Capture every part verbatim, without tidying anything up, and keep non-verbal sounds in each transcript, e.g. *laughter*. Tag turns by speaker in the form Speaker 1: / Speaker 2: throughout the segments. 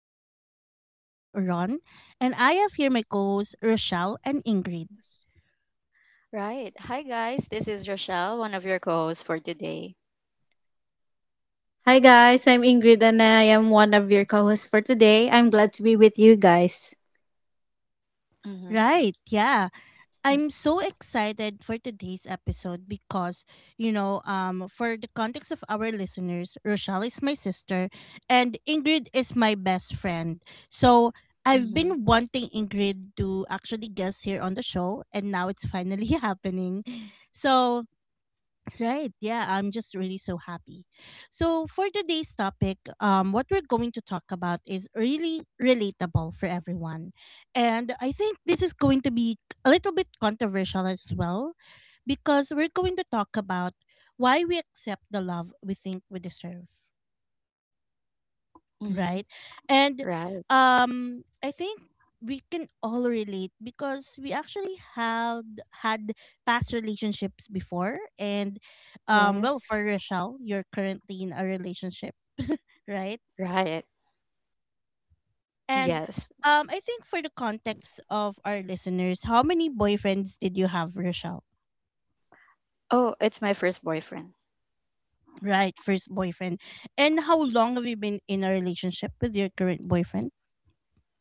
Speaker 1: This is your host, Ron, and I have here my co hosts, Rochelle and Ingrid.
Speaker 2: Right. Hi, guys. This is Rochelle, one of your co hosts for today. Mm-hmm.
Speaker 1: Right, yeah. I'm so excited for today's episode because, you know, um, for the context of our listeners, Rochelle is my sister and Ingrid is my best friend. So I've
Speaker 2: Mm-hmm.
Speaker 1: been wanting Ingrid to actually guest here on the show, and now it's finally *laughs* happening. So Right. Yeah, I'm just really so happy. So for today's topic, um, what we're going to talk about is really relatable for everyone. And I think this is going to be a little bit controversial as well because we're going to talk about why we accept the love we think we deserve,
Speaker 2: Mm-hmm.
Speaker 1: right. and
Speaker 2: Right.
Speaker 1: um i think we can all relate because we actually have had past relationships before. And um well, for Rochelle, you're currently in a relationship, right.
Speaker 2: Right.
Speaker 1: And
Speaker 2: Yes.
Speaker 1: um i think, for the context of our listeners, how many boyfriends did you have, Rochelle?
Speaker 2: Oh, it's my first boyfriend.
Speaker 1: Right, first boyfriend. And how long have you been in a relationship with your current boyfriend?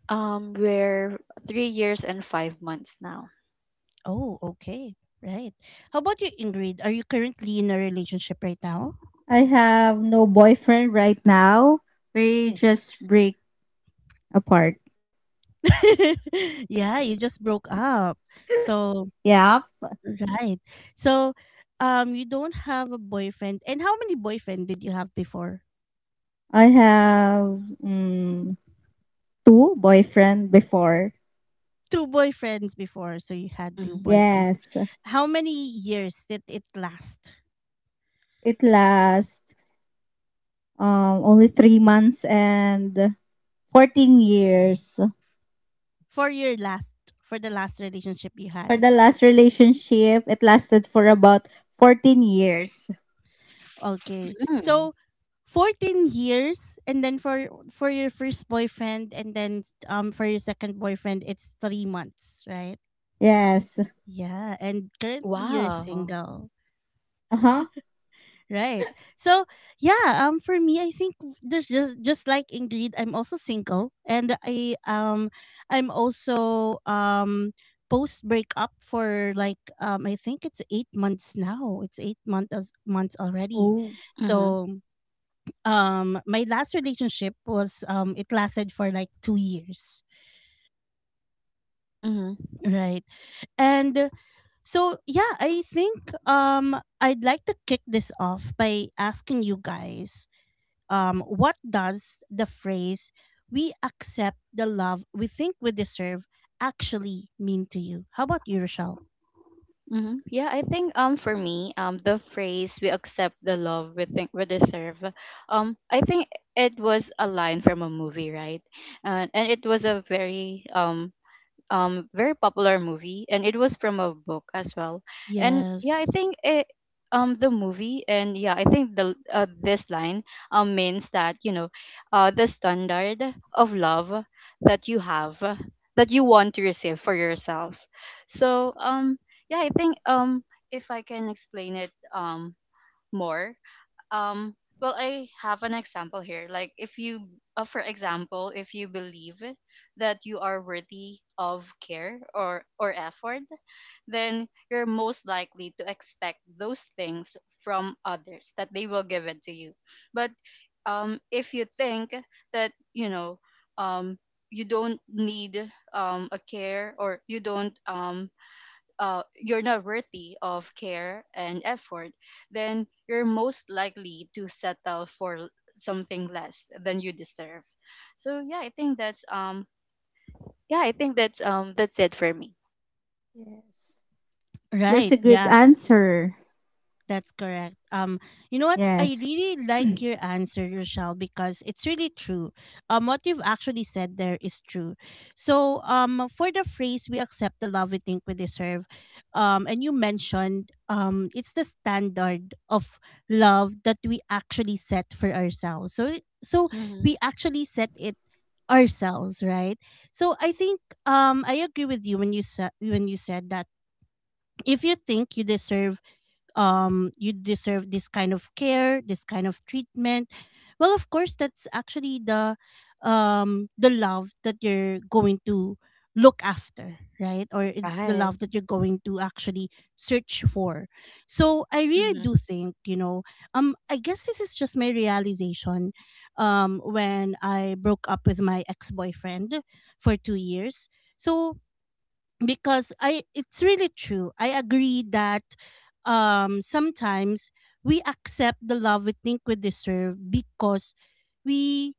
Speaker 2: Um, we're three years and five months now.
Speaker 1: Oh, okay. Right. How about you, Ingrid? Are you currently in a relationship right now? *laughs* Yeah, you just broke up. So, right. So, um you don't have a boyfriend. And how many boyfriend did you have before? Two boyfriends before, so you had two
Speaker 2: Mm-hmm.
Speaker 1: boyfriends. How many years did it last? For your last for the last relationship you had? Okay.
Speaker 2: Mm.
Speaker 1: So fourteen years, and then for for your first boyfriend, and then um for your second boyfriend it's three months, right? Yeah, and currently you're
Speaker 2: Wow.
Speaker 1: single. Right. So, yeah, um for me I think there's just just like Ingrid, I'm also single, and I um I'm also um post breakup for like um I think it's eight months now. It's eight months months already.
Speaker 2: Mm-hmm.
Speaker 1: So, um my last relationship was, um it lasted for like two years,
Speaker 2: Mm-hmm.
Speaker 1: right. And uh, so yeah, i think um i'd like to kick this off by asking you guys, um, what does the phrase "we accept the love we think we deserve" actually mean to you? How about you, Rochelle?
Speaker 2: Mm-hmm. Yeah, I think um for me um the phrase we accept the love we think we deserve, um I think it was a line from a movie, right? And and it was a very um um very popular movie, and it was from a book as well. And
Speaker 1: Yes.
Speaker 2: yeah, I think it um the movie. And yeah, I think the uh, this line um means that, you know, uh the standard of love that you have, uh, that you want to receive for yourself. So um yeah, I think um if I can explain it um more, um well, I have an example here. Like if you uh, for example, if you believe that you are worthy of care or or effort, then you're most likely to expect those things from others, that they will give it to you. But um if you think that, you know, um you don't need um a care, or you don't um uh, you're not worthy of care and effort, then you're most likely to settle for l- something less than you deserve. So yeah, I think that's um yeah, I think that's um that's it for me.
Speaker 1: Right. Yeah. That's correct. Um, you know what? I really like your answer, Rochelle, because it's really true. Um, what you've actually said there is true. So, um, for the phrase "we accept the love we think we deserve," um, and you mentioned, um, it's the standard of love that we actually set for ourselves. So, it- so
Speaker 2: Hmm.
Speaker 1: we actually set it ourselves, right? So, I think, um, I agree with you when you said when you said that if you think you deserve, um you deserve this kind of care, this kind of treatment, well of course that's actually the um the love that you're going to look after, right, or it's the
Speaker 2: Right.
Speaker 1: love that you're going to actually search for. So i really
Speaker 2: Hmm.
Speaker 1: do think, you know, um i guess this is just my realization um when I broke up with my ex-boyfriend for two years. So because I, it's really true. I agree that um sometimes we accept the love we think we deserve because we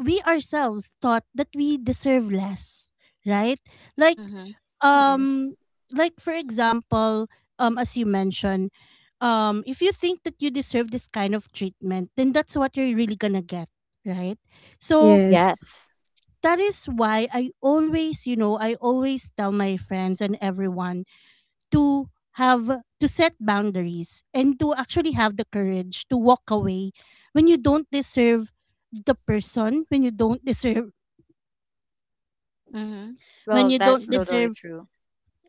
Speaker 1: we ourselves thought that we deserve less, right? Like
Speaker 2: Hmm.
Speaker 1: um like for example, um as you mentioned, um if you think that you deserve this kind of treatment, then that's what you're really gonna get, right? So
Speaker 2: Yes.
Speaker 1: that is why I always, you know, I always tell my friends and everyone to have to set boundaries and to actually have the courage to walk away when you don't deserve the person, when you don't deserve
Speaker 2: Hmm.
Speaker 1: when
Speaker 2: Well,
Speaker 1: you
Speaker 2: that's
Speaker 1: don't
Speaker 2: totally
Speaker 1: deserve
Speaker 2: true.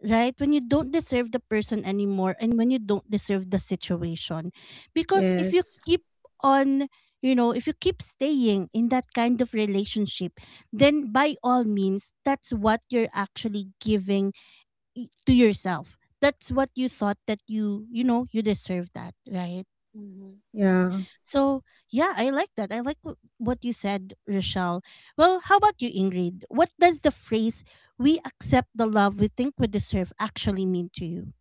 Speaker 1: right? When you don't deserve the person anymore, and when you don't deserve the situation. Because if you keep on, you know, if you keep staying in that kind of relationship, then by all means, that's what you're actually giving i- to yourself. That's what you thought that you, you know, you deserve that, right?
Speaker 2: Hmm.
Speaker 1: So, yeah, I like that. I like wh- what you said, Rochelle. Well, how about you, Ingrid? What does the phrase "we accept the love we think we deserve" actually mean to you?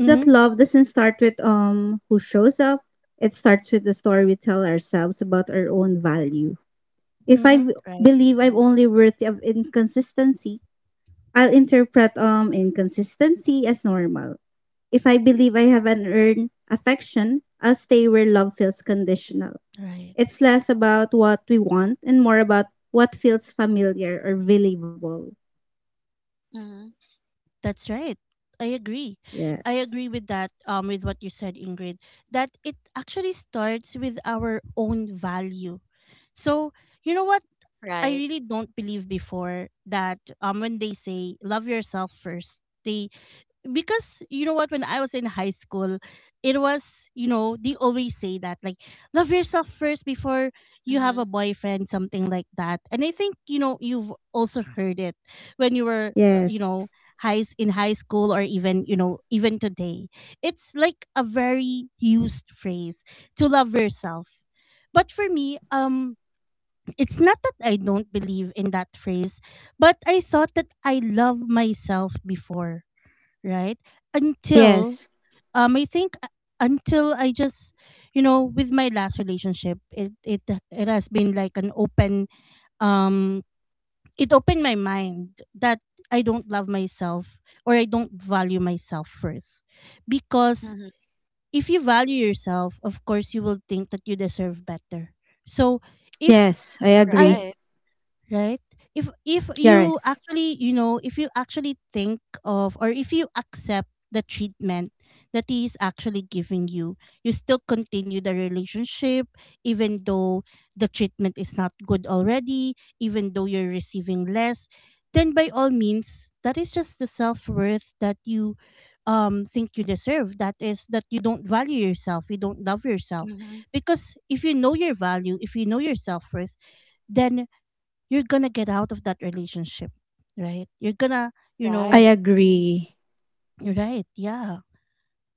Speaker 1: Mm-hmm. Mm-hmm. Right. Right.
Speaker 2: Hmm.
Speaker 1: That's right. I agree. I agree with that, um, with what you said, Ingrid, that it actually starts with our own value. So, you know what? I
Speaker 2: Right.
Speaker 1: really don't believe before that, um, when they say love yourself first, they because you know what, when I was in high school it was, you know, they always say that like love yourself first before you have a
Speaker 2: Hmm.
Speaker 1: boyfriend, something like that. And I think, you know, you've also heard it when you were, uh, you know, high in high school, or even, you know, even today, it's like a very used phrase to love yourself. But for me, um it's not that I don't believe in that phrase, but I thought that I love myself before, right? Until um I think uh, until I just you know, with my last relationship, it it it has been like an open um it opened my mind that I don't love myself, or I don't value myself first, because
Speaker 2: Hmm.
Speaker 1: if you value yourself, of course you will think that you deserve better. So if I
Speaker 2: Right.
Speaker 1: right, if if you actually, you know, if you actually think of, or if you accept the treatment that he is actually giving you, you still continue the relationship, even though the treatment is not good already, even though you're receiving less, then by all means, that is just the self-worth that you um think you deserve, that is, that you don't value yourself, you don't love yourself.
Speaker 2: Hmm.
Speaker 1: Because if you know your value, if you know your self-worth, then you're gonna get out of that relationship, right? You're gonna, you know,
Speaker 2: Right.
Speaker 1: right? Yeah.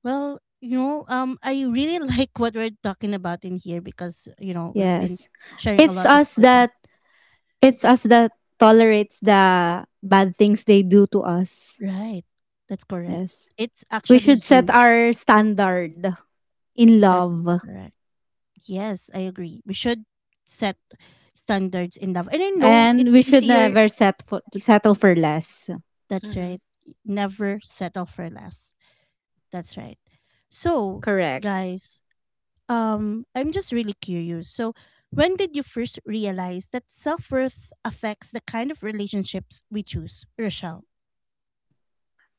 Speaker 1: Well, you know, um, I really *laughs* like what we're talking about in here because, you know, we've been sharing a lot of good. in- Right. That's correct. It's actually you. That's correct. Yes, I agree. We should set standards in love, and I know it's easier. That's
Speaker 2: Hmm.
Speaker 1: right. Never settle for less. That's right. So, guys, um I'm just really curious. So, when did you first realize that self-worth affects the kind of relationships we choose, Rochelle?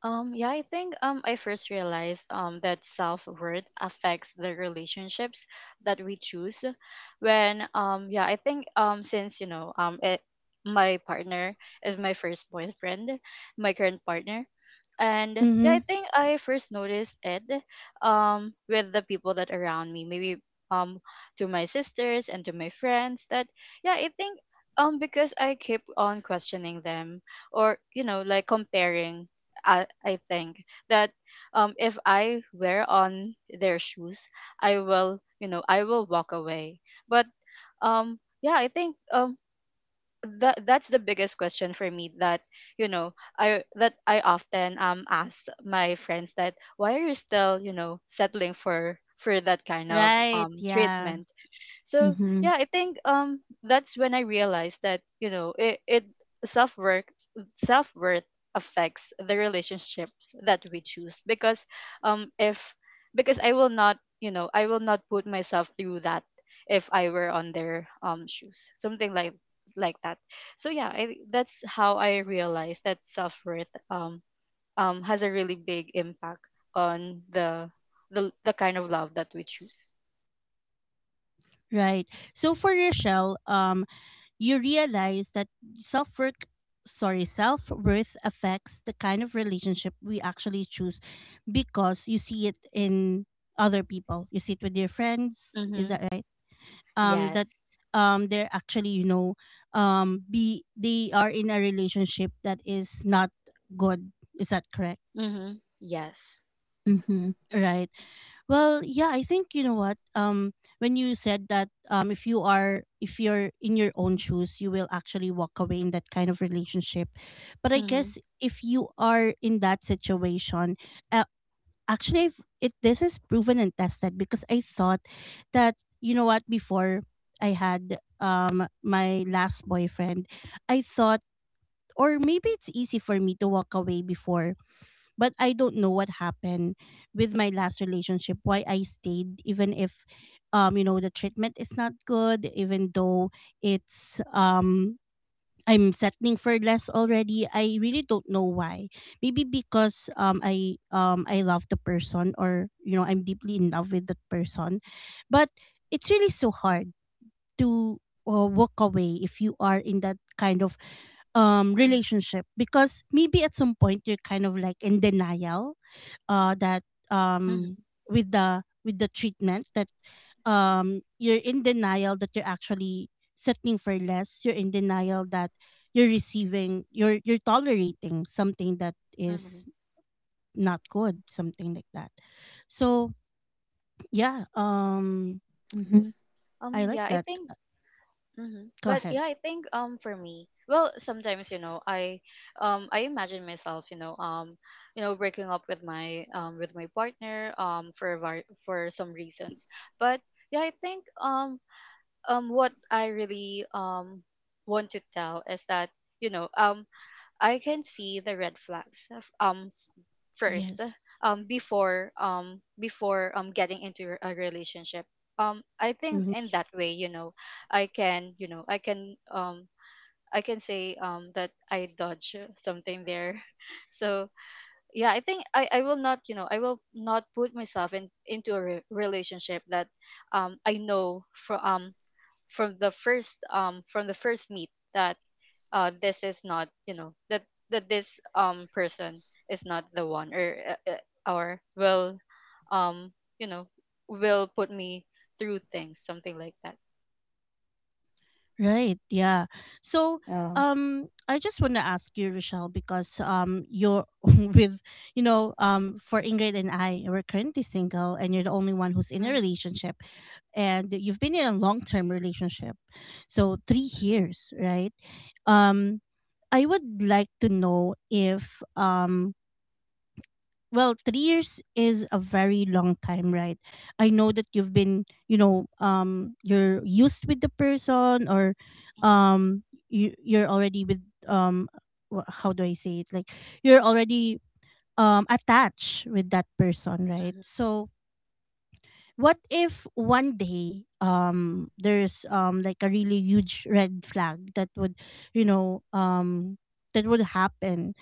Speaker 2: Um, yeah, I think um I first realized um that self-worth affects the relationships that we choose when um yeah, I think um since you know um it, my partner is my first boyfriend, my current partner. And yeah, I
Speaker 1: Mhm.
Speaker 2: think I first noticed it um with the people that around me, maybe um to my sisters and to my friends. That yeah, I think um because I keep on questioning them, or you know, like comparing. I, I think that um if I wear on their shoes, I will, you know, I will walk away. But um yeah, I think um that that's the biggest question for me, that you know, I that I often um ask my friends, that why are you still, you know, settling for for that kind of
Speaker 1: Right,
Speaker 2: um
Speaker 1: yeah.
Speaker 2: treatment? So yeah, I think um that's when I realized that, you know, it, it self-work self-worth affects the relationships that we choose. Because um if because I will not, you know, I will not put myself through that if I were on their um shoes, something like like that. So yeah, I, that's how I realized that self-worth um um has a really big impact on the the, the kind of love that we choose.
Speaker 1: Right. So for Rochelle, um you realize that self-worth sorry, self-worth affects the kind of relationship we actually choose because you see it in other people. You see it with your friends, is
Speaker 2: Mm-hmm.
Speaker 1: that right? Um that
Speaker 2: Yes.
Speaker 1: um they're actually, you know, um be they are in a relationship that is not good, is that correct,
Speaker 2: Mm-hmm. Yes.
Speaker 1: right? Well yeah, I think, you know what, um when you said that, um if you are, if you're in your own shoes, you will actually walk away in that kind of relationship. But I
Speaker 2: Mm-hmm.
Speaker 1: guess if you are in that situation, uh actually I've, it, this is proven and tested because I thought that, you know what, before I had um my last boyfriend, I thought, or maybe it's easy for me to walk away before, but I don't know what happened with my last relationship, why I stayed, even if um you know, the treatment is not good, even though it's um I'm settling for less already. I really don't know why. Maybe because um I um I love the person, or you know, I'm deeply in love with that person, but it's really so hard to, uh, walk away if you are in that kind of um
Speaker 2: Mm-hmm.
Speaker 1: relationship, because maybe at some point you're kind of like in denial, uh that um
Speaker 2: Mm-hmm.
Speaker 1: with the with the treatment that um you're in denial that you're actually settling for less, you're in denial that you're receiving you're you're tolerating something that is
Speaker 2: Mm-hmm.
Speaker 1: not good, something like that. So yeah, um
Speaker 2: Um.
Speaker 1: i
Speaker 2: Yeah.
Speaker 1: like
Speaker 2: I
Speaker 1: that.
Speaker 2: think.
Speaker 1: Uh,
Speaker 2: Mm-hmm.
Speaker 1: go
Speaker 2: But
Speaker 1: ahead.
Speaker 2: yeah, I think. Um. For me, well, sometimes you know, I, um, I imagine myself, you know, um, you know, breaking up with my, um, with my partner, um, for a var- for some reasons. But yeah, I think. Um. Um. What I really um want to tell is that, you know, um I can see the red flags um first,
Speaker 1: Yes.
Speaker 2: um before um before um getting into a relationship. um I think in that way, you know, I can, you know, I can um I can say um that I dodge something there. *laughs* So yeah, I think i i will not, you know, I will not put myself in into a re- relationship that um I know from um from the first, um from the first meet, that uh this is not, you know, that that this um person is not the one. Or uh, uh, or will um you know, will put me through things, something like that.
Speaker 1: Right. Yeah. So, um, I just want to ask you, Rochelle, because um, you're *laughs* with, you know, um, for Ingrid and I, we're currently single, and you're the only one who's in a
Speaker 2: Mhm,
Speaker 1: relationship, and you've been in a long-term relationship, so three
Speaker 2: mhm,
Speaker 1: years, right? Um, I would like to know if, um, well, three years is a very long time, right? I know that you've been, you know, um, you're used with the person, or
Speaker 2: mhm,
Speaker 1: um, you you're already with um, wha- how do I say it? Like you're already um attached with that person, right?
Speaker 2: mhm,
Speaker 1: So what if one day um there's um like a really huge red flag that would, you know, um that would happen?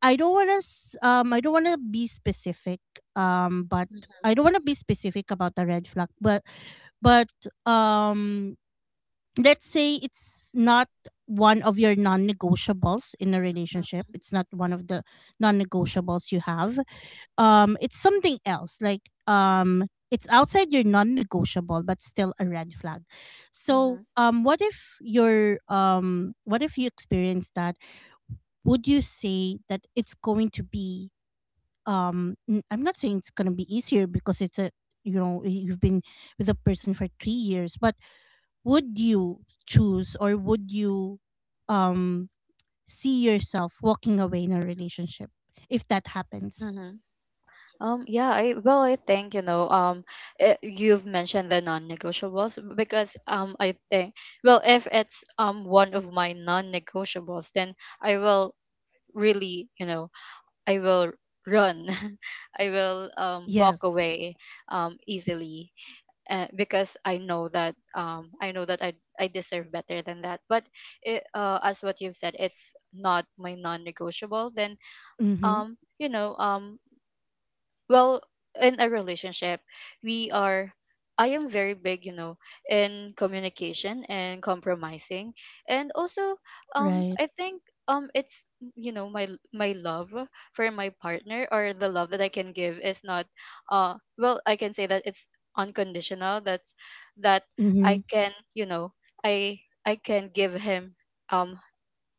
Speaker 1: I don't want to um I don't want to be specific, um but
Speaker 2: mhm,
Speaker 1: I don't want to be specific about the red flag but but um let's say it's not one of your non-negotiables in a relationship, it's not one of the non-negotiables you have. Um it's something else, like um it's outside your non-negotiable but still a red flag. So
Speaker 2: mhm,
Speaker 1: um what if your um what if you experience that? Would you say that it's going to be um n- I'm not saying it's going to be easier because it's a, you know y- you've been with a person for three years, but would you choose, or would you, um see yourself walking away in a relationship if that happens?
Speaker 2: mhm. Um, yeah, I, well, I think you know, um, eh, you've mentioned the non-negotiables, because um, I think, well, if it's um one of my non-negotiables, then I will really, you know, I will run. *laughs* I will um, walk
Speaker 1: Yes.
Speaker 2: away um, easily, uh, because I know that um, I know that I, I deserve better than that. But it, uh, as what you've said, it's not my non-negotiable. Then
Speaker 1: Mhm.
Speaker 2: um, you know, um, well, in a relationship we are, I am very big, you know, in communication and compromising. And also um
Speaker 1: Right.
Speaker 2: I think um it's you know, my my love for my partner, or the love that I can give, is not, uh well, I can say that it's unconditional. That's that i
Speaker 1: Mhm.
Speaker 2: can, you know, i i can give him um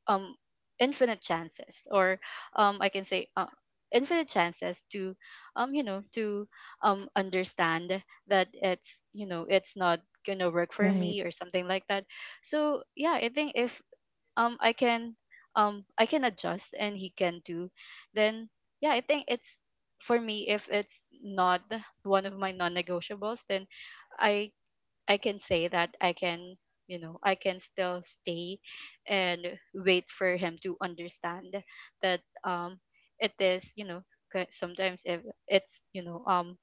Speaker 2: um infinite chances, or um i can say, uh, infinite chances to um you know, to um understand that it's, you know, it's not gonna work for
Speaker 1: Right.
Speaker 2: me, or something like that. So yeah, I think if um i can um i can adjust and he can too, then yeah, I think it's, for me, if it's not one of my non-negotiables, then i I can say that I can, you know, I can still stay and wait for him to understand that um it is, you know, ki- sometimes if it's, you know, um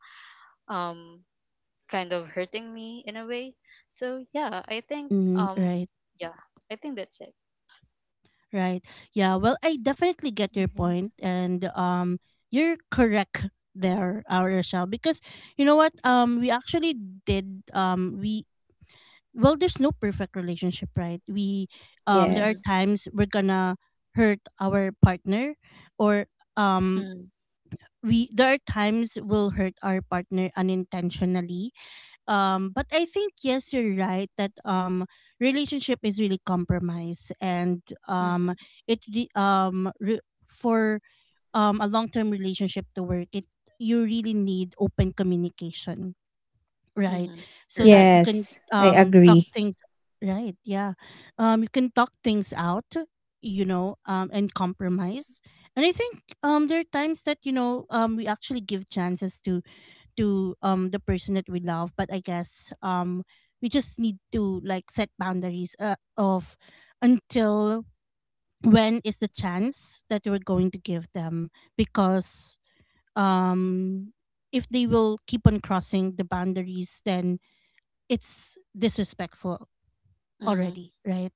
Speaker 2: um kind of hurting me in a way. So yeah, I think
Speaker 1: Mhm.
Speaker 2: um
Speaker 1: Right.
Speaker 2: yeah, I think that's it.
Speaker 1: Right, yeah. Well, I definitely get your point, and um you're correct there, uh, Rochelle, because you know what, um we actually did, um we well, there's no perfect relationship, right? we um There are
Speaker 2: Mhm.
Speaker 1: times we're gonna hurt our partner, or um
Speaker 2: Mhm.
Speaker 1: we there are times we'll hurt our partner unintentionally. Um but I think yes, you're right that um relationship is really compromise, and um
Speaker 2: Mhm.
Speaker 1: it re- um re- for um a long-term relationship to work, it you really need open communication, right?
Speaker 2: Mhm.
Speaker 1: So that
Speaker 2: Right.
Speaker 1: you can um talk things, right, yeah, um you can talk things out, you know, um and compromise. And I think um there are times that, you know, um we actually give chances to to um the person that we love, but I guess um we just need to, like, set boundaries, uh, of until when is the chance that we're going to give them. Because um if they will keep on crossing the boundaries, then it's disrespectful
Speaker 2: Mhm.
Speaker 1: already, right?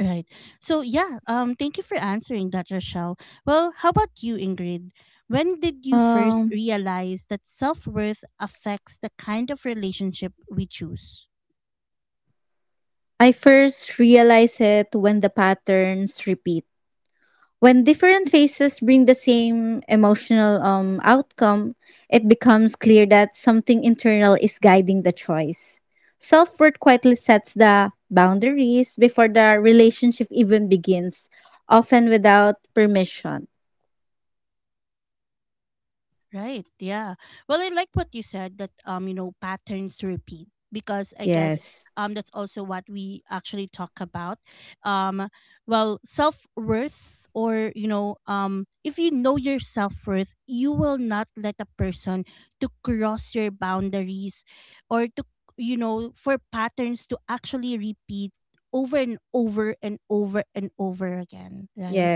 Speaker 1: Right. So yeah, um thank you for answering that, Rochelle. Well, how about you, Ingrid? When did you first realize that self-worth affects the kind of relationship we choose? Right. Yeah. Well, I like what you said that, um you know, patterns repeat, because I guess um that's also what we actually talk about. Um well, self-worth, or, you know, um if you know your self-worth, you will not let a person to cross your boundaries, or to, you know, for patterns to actually repeat over and over and over and over again, right?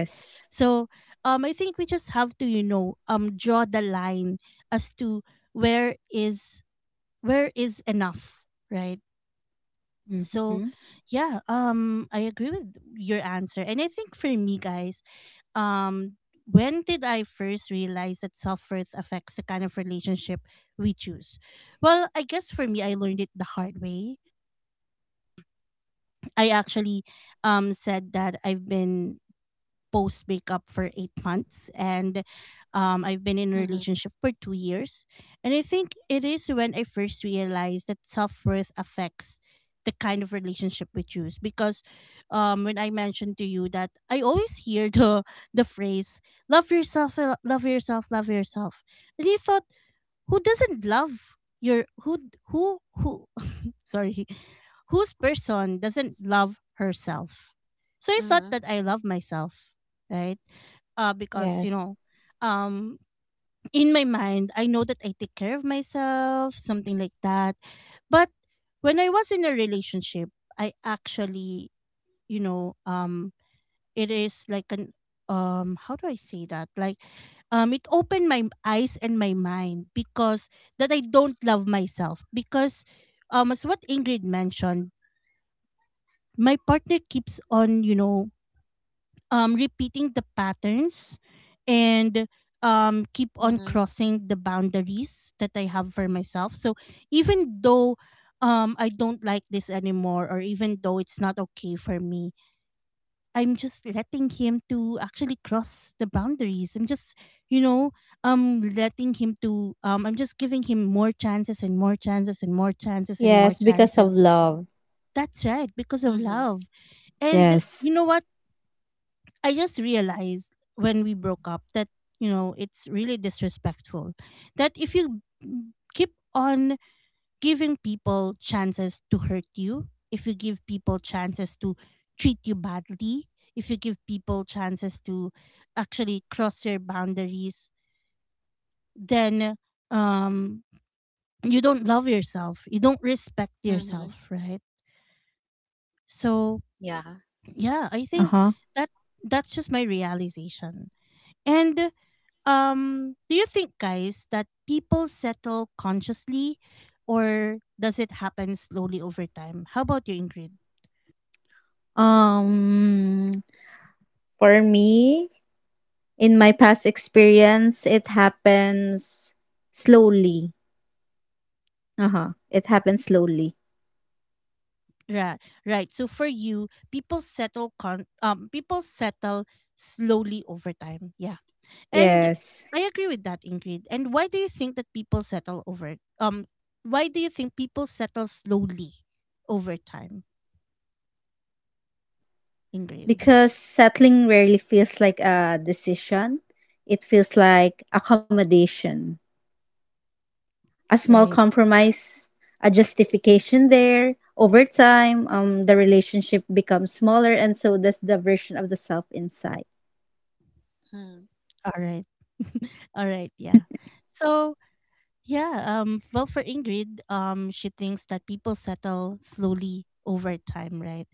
Speaker 1: So um I think we just have to, you know, um draw the line as to where is, where is enough, right? So yeah, um I agree with your answer. And I think, for me, guys, um when did I first realize that self worth affects the kind of relationship we choose? Well, I guess for me, I learned it the hard way. I actually um, said that I've been post breakup for eight months, and um, I've been in a
Speaker 2: Mhm.
Speaker 1: relationship for two years. And I think it is when I first realized that self worth affects the kind of relationship we choose. Because um, when I mentioned to you that I always hear the the phrase, "Love yourself, uh, love yourself, love yourself," and you thought, who doesn't love your, who who who sorry, whose person doesn't love herself? So I thought
Speaker 2: Mhm.
Speaker 1: that I love myself, right? Uh, because, you know, um, in my mind, I know that I take care of myself, something like that. But when I was in a relationship, I actually, you know, um, it is like an, um, how do I say that? Like, um, it opened my eyes and my mind, because that I don't love myself, because um, as what Ingrid mentioned, my partner keeps on, you know, um repeating the patterns, and um keep on
Speaker 2: Mhm.
Speaker 1: crossing the boundaries that I have for myself. So even though um I don't like this anymore, or even though it's not okay for me, I'm just letting him to actually cross the boundaries. I'm just, you know, um letting him to um I'm just giving him more chances, and more chances, and more chances, and more chances. That's right, because of
Speaker 2: Mhm.
Speaker 1: love. And you know what? I just realized when we broke up that, you know, it's really disrespectful that if you keep on giving people chances to hurt you, if you give people chances to treat you badly, if you give people chances to actually cross your boundaries, then um you don't love yourself. You don't respect
Speaker 2: Mhm.
Speaker 1: yourself, right? So
Speaker 2: Yeah.
Speaker 1: yeah, I think that, that's just my realization. And Um, do you think, guys, that people settle consciously, or does it happen slowly over time? How about you, Ingrid? Right, right. So, for you, people settle con um people settle slowly over time. Yeah, and I agree with that, Ingrid. And why do you think that people settle over, um why do you think people settle slowly over time, Ingrid? *laughs* Right. All right. *laughs* All right. Yeah. So, yeah, um well, for Ingrid, um she thinks that people settle slowly over time, right?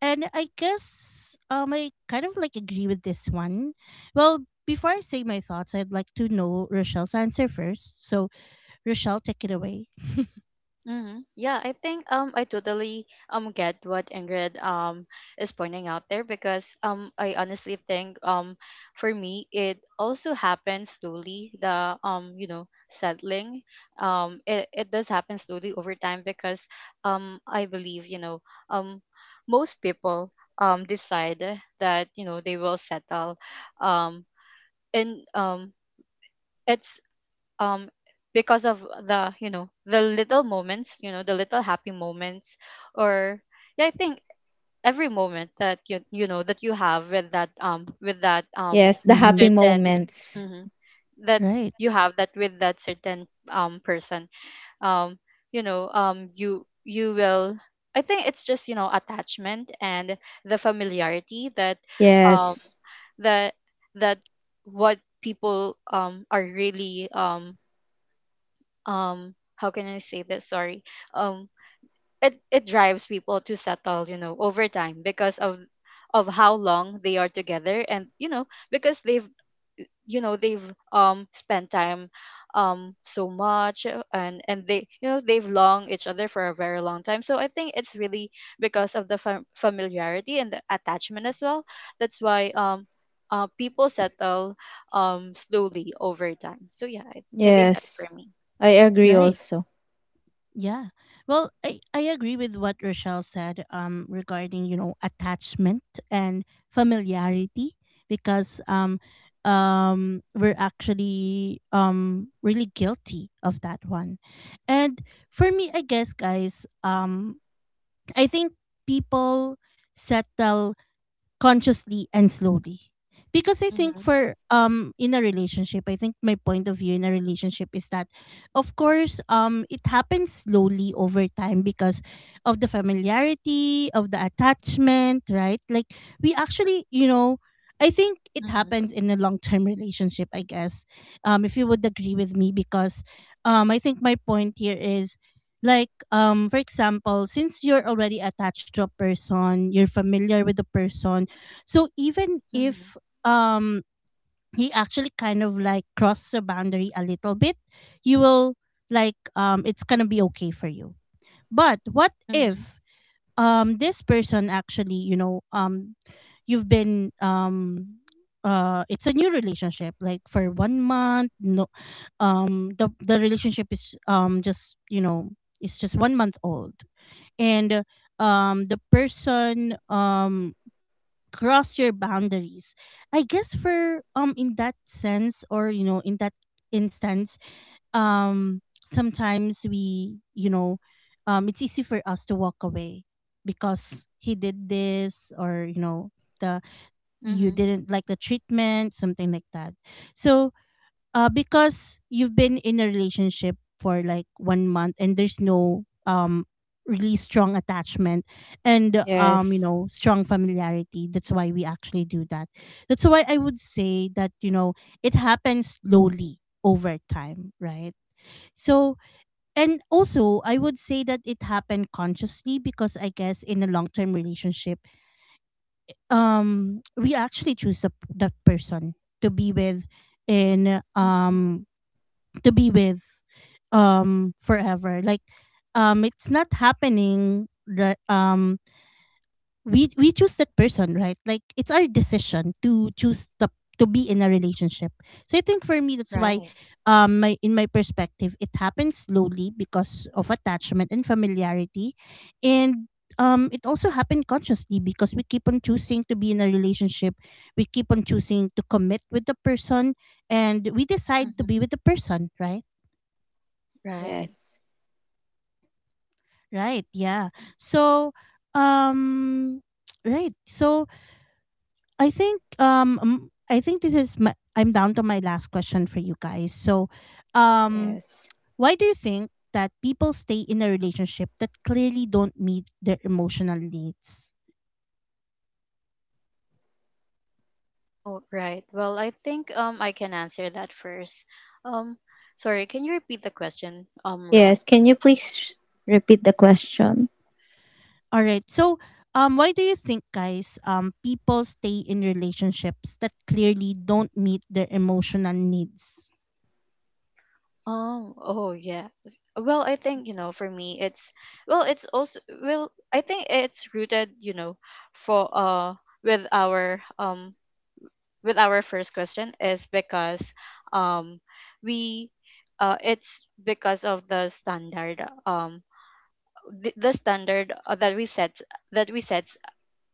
Speaker 1: And I guess um I kind of like agree with this one. Well, before I say my thoughts, I'd like to know Rochelle's answer first. So, Rochelle, take it away. *laughs*
Speaker 2: Mm-hmm. Yeah, I think um I totally um get what Ingrid um is pointing out there, because um I honestly think um for me it also happens slowly. The um you know, settling, um it, it does happen slowly over time, because um I believe, you know, um most people um decide that, you know, they will settle um and um it's um because of the, you know, the little moments, you know, the little happy moments, or yeah, I think every moment that you you know, that you have with that um with that um
Speaker 1: Mhm.
Speaker 2: certain, hmm, that
Speaker 1: Right.
Speaker 2: you have that with that certain um person. um you know, um you you will, I think it's just, you know, attachment and the familiarity that um that that what people um are really um um how can I say this? Sorry. Um it, it drives people to settle, you know, over time, because of of how long they are together. And you know, because they've you know, they've um spent time um so much, uh, and and they, you know, they've long each other for a very long time. So I think it's really because of the fam- familiarity and the attachment as well. That's why um uh, people settle um slowly over time. So yeah, i, I think that's for me.
Speaker 1: Right. Yeah. Well, I, I agree with what Rochelle said um regarding, you know, attachment and familiarity, because um um we're actually um really guilty of that one. And for me, I guess, guys, um I think people settle consciously and slowly, because I think
Speaker 2: Mhm,
Speaker 1: for, um in a relationship, I think my point of view in a relationship is that, of course, um it happens slowly over time because of the familiarity, of the attachment, right? Like, we actually, you know, I think it
Speaker 2: mhm,
Speaker 1: happens in a long term *laughs* relationship, I guess, um if you would agree with me, because um I think my point here is, like, um for example, since you're already attached to a person, you're familiar with the person, so even
Speaker 2: mhm,
Speaker 1: if um he actually kind of like crossed the boundary a little bit, you will, like, um it's gonna be okay for you. But what
Speaker 2: mhm,
Speaker 1: if um this person actually, you know, um you've been um uh it's a new relationship, like, for one month, no, um the the relationship is, um just, you know, it's just one month old. And uh, um the person um cross your boundaries, I guess for, um in that sense, or, you know, in that instance, um sometimes we, you know, um it's easy for us to walk away, because he did this, or, you know, the you
Speaker 2: mhm,
Speaker 1: didn't like the treatment, something like that. So uh, because you've been in a relationship for like one month, and there's no um really strong attachment, and um you know, strong familiarity. That's why we actually do that. That's why I would say that, you know, it happens slowly over time, right? So, and also I would say that it happened consciously, because I guess in a long term relationship, um we actually choose the, the person to be with in
Speaker 2: mhm.
Speaker 1: um to be with um forever. Like, um it's not happening that, um we we choose that person, right? Like, it's our decision to choose the to be in a relationship. So I think for me, that's why
Speaker 2: Right.
Speaker 1: um my, in my perspective, it happens slowly because of attachment and familiarity, and um it also happened consciously, because we keep on choosing to be in a relationship, we keep on choosing to commit with the person, and we decide to be
Speaker 2: Mhm.
Speaker 1: with the person, right?
Speaker 2: Right.
Speaker 1: Right, yeah. So um *tsk* right. So I think um um, I think this is my, I'm down to my last question for you guys. So um why do you think that people stay in a relationship that clearly don't meet their emotional needs?
Speaker 2: Oh, right. Well, I think um I can answer that first. Um sorry, can you repeat the question, Um Ron?
Speaker 1: All right. So um why do you think, guys, um people stay in relationships that clearly don't meet their emotional needs?
Speaker 2: Um oh yeah. Well, I think, you know, for me it's well, it's also, well, I think it's rooted, you know, for uh with our um with our first question. Is because um we uh it's because of the standard, um the, the standard, uh, that we set, that we set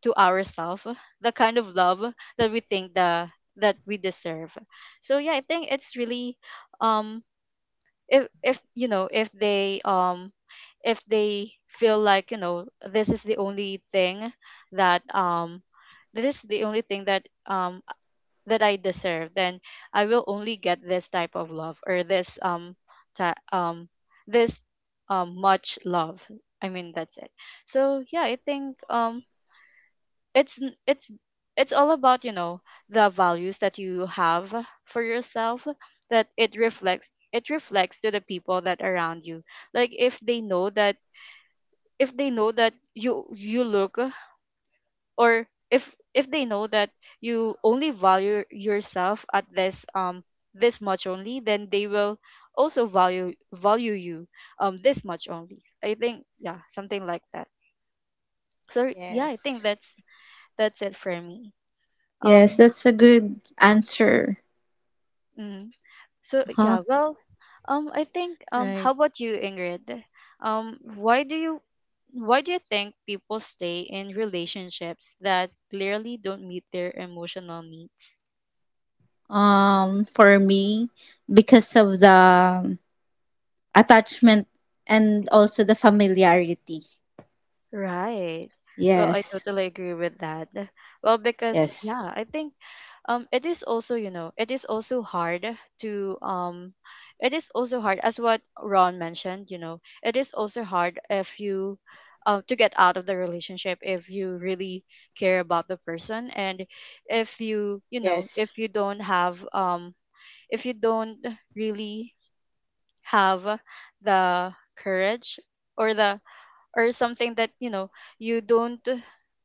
Speaker 2: to ourselves, the kind of love that we think, the that we deserve. So yeah, I think it's really, um if if you know, if they um if they feel like, you know, this is the only thing that, um this is the only thing that, um that I deserve, then I will only get this type of love, or this um ta- um this um much love, I mean, that's it. So yeah, I think um it's n- it's it's all about, you know, the values that you have for yourself, that it reflects, it reflects to the people that around you. Like if they know that, if they know that you you look, or if if they know that you only value yourself at this um this much only, then they will also value value you um this much only, I think. Yeah, something like that. So yeah, I think that's that's it for me. um mm, So yeah, well, um, I think um, how
Speaker 1: Right.
Speaker 2: about you, Ingrid? Um, why do you, why do you think people stay in relationships that clearly don't meet their emotional needs? Right. Well, I totally agree with that. Well, because yeah, I think um it is also, you know, it is also hard to um it is also hard, as what Ron mentioned, you know, it is also hard if you um to get out of the relationship, if you really care about the person. And if you, you know, if you don't have um if you don't really have the courage, or the, or something that, you know, you don't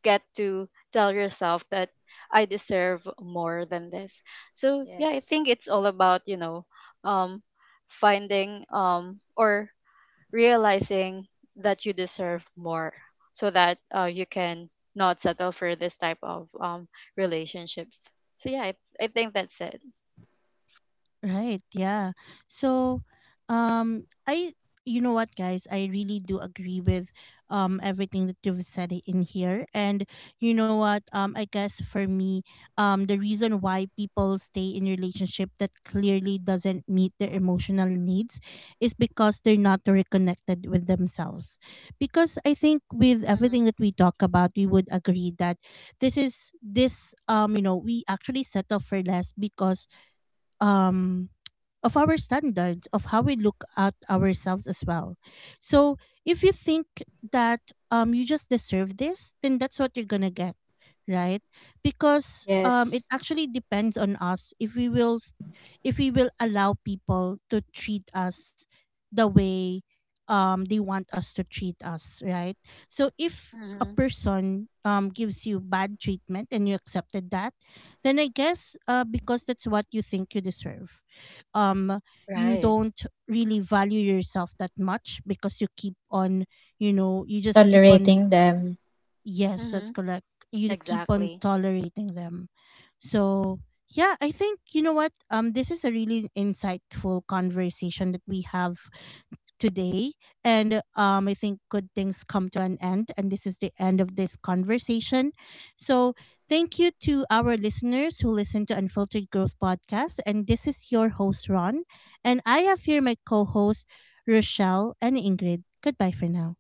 Speaker 2: get to tell yourself that I deserve more than this. So yeah, I think it's all about, you know, um finding, um or realizing that you deserve more, so that, uh, you can not settle for this type of um relationships. So yeah, i, I think that's it.
Speaker 1: Right. Yeah. So, um, I you know what, guys, I really do agree with um everything that you've said in here. And you know what, um, I guess for me, um, the reason why people stay in relationship that clearly doesn't meet their emotional needs is because they're not reconnected with themselves. Because I think, with
Speaker 2: Hmm.
Speaker 1: everything that we talk about, we would agree that this is this um you know, we actually settle for less because um of our standards, of how we look at ourselves as well. So if you think that um you just deserve this, then that's what you're gonna get, right? Because um it actually depends on us if we will s- if we will allow people to treat us the way um they want us to treat us, right? So if a
Speaker 2: Hmm.
Speaker 1: person um gives you bad treatment, and you accepted that, then I guess, uh because that's what you think you deserve. um you
Speaker 2: Right.
Speaker 1: don't really value yourself that much, because you keep on, you know, you just keep on, yes, that's
Speaker 2: Hmm.
Speaker 1: correct, you keep on
Speaker 2: Exactly.
Speaker 1: tolerating them. So yeah, I think, you know what, um this is a really insightful conversation that we have today. And um, I think good things come to an end. And this is the end of this conversation. So thank you to our listeners who listen to Unfiltered Growth Podcast. And this is your host, Ron. And I have here my co host, Rochelle and Ingrid. Goodbye for now.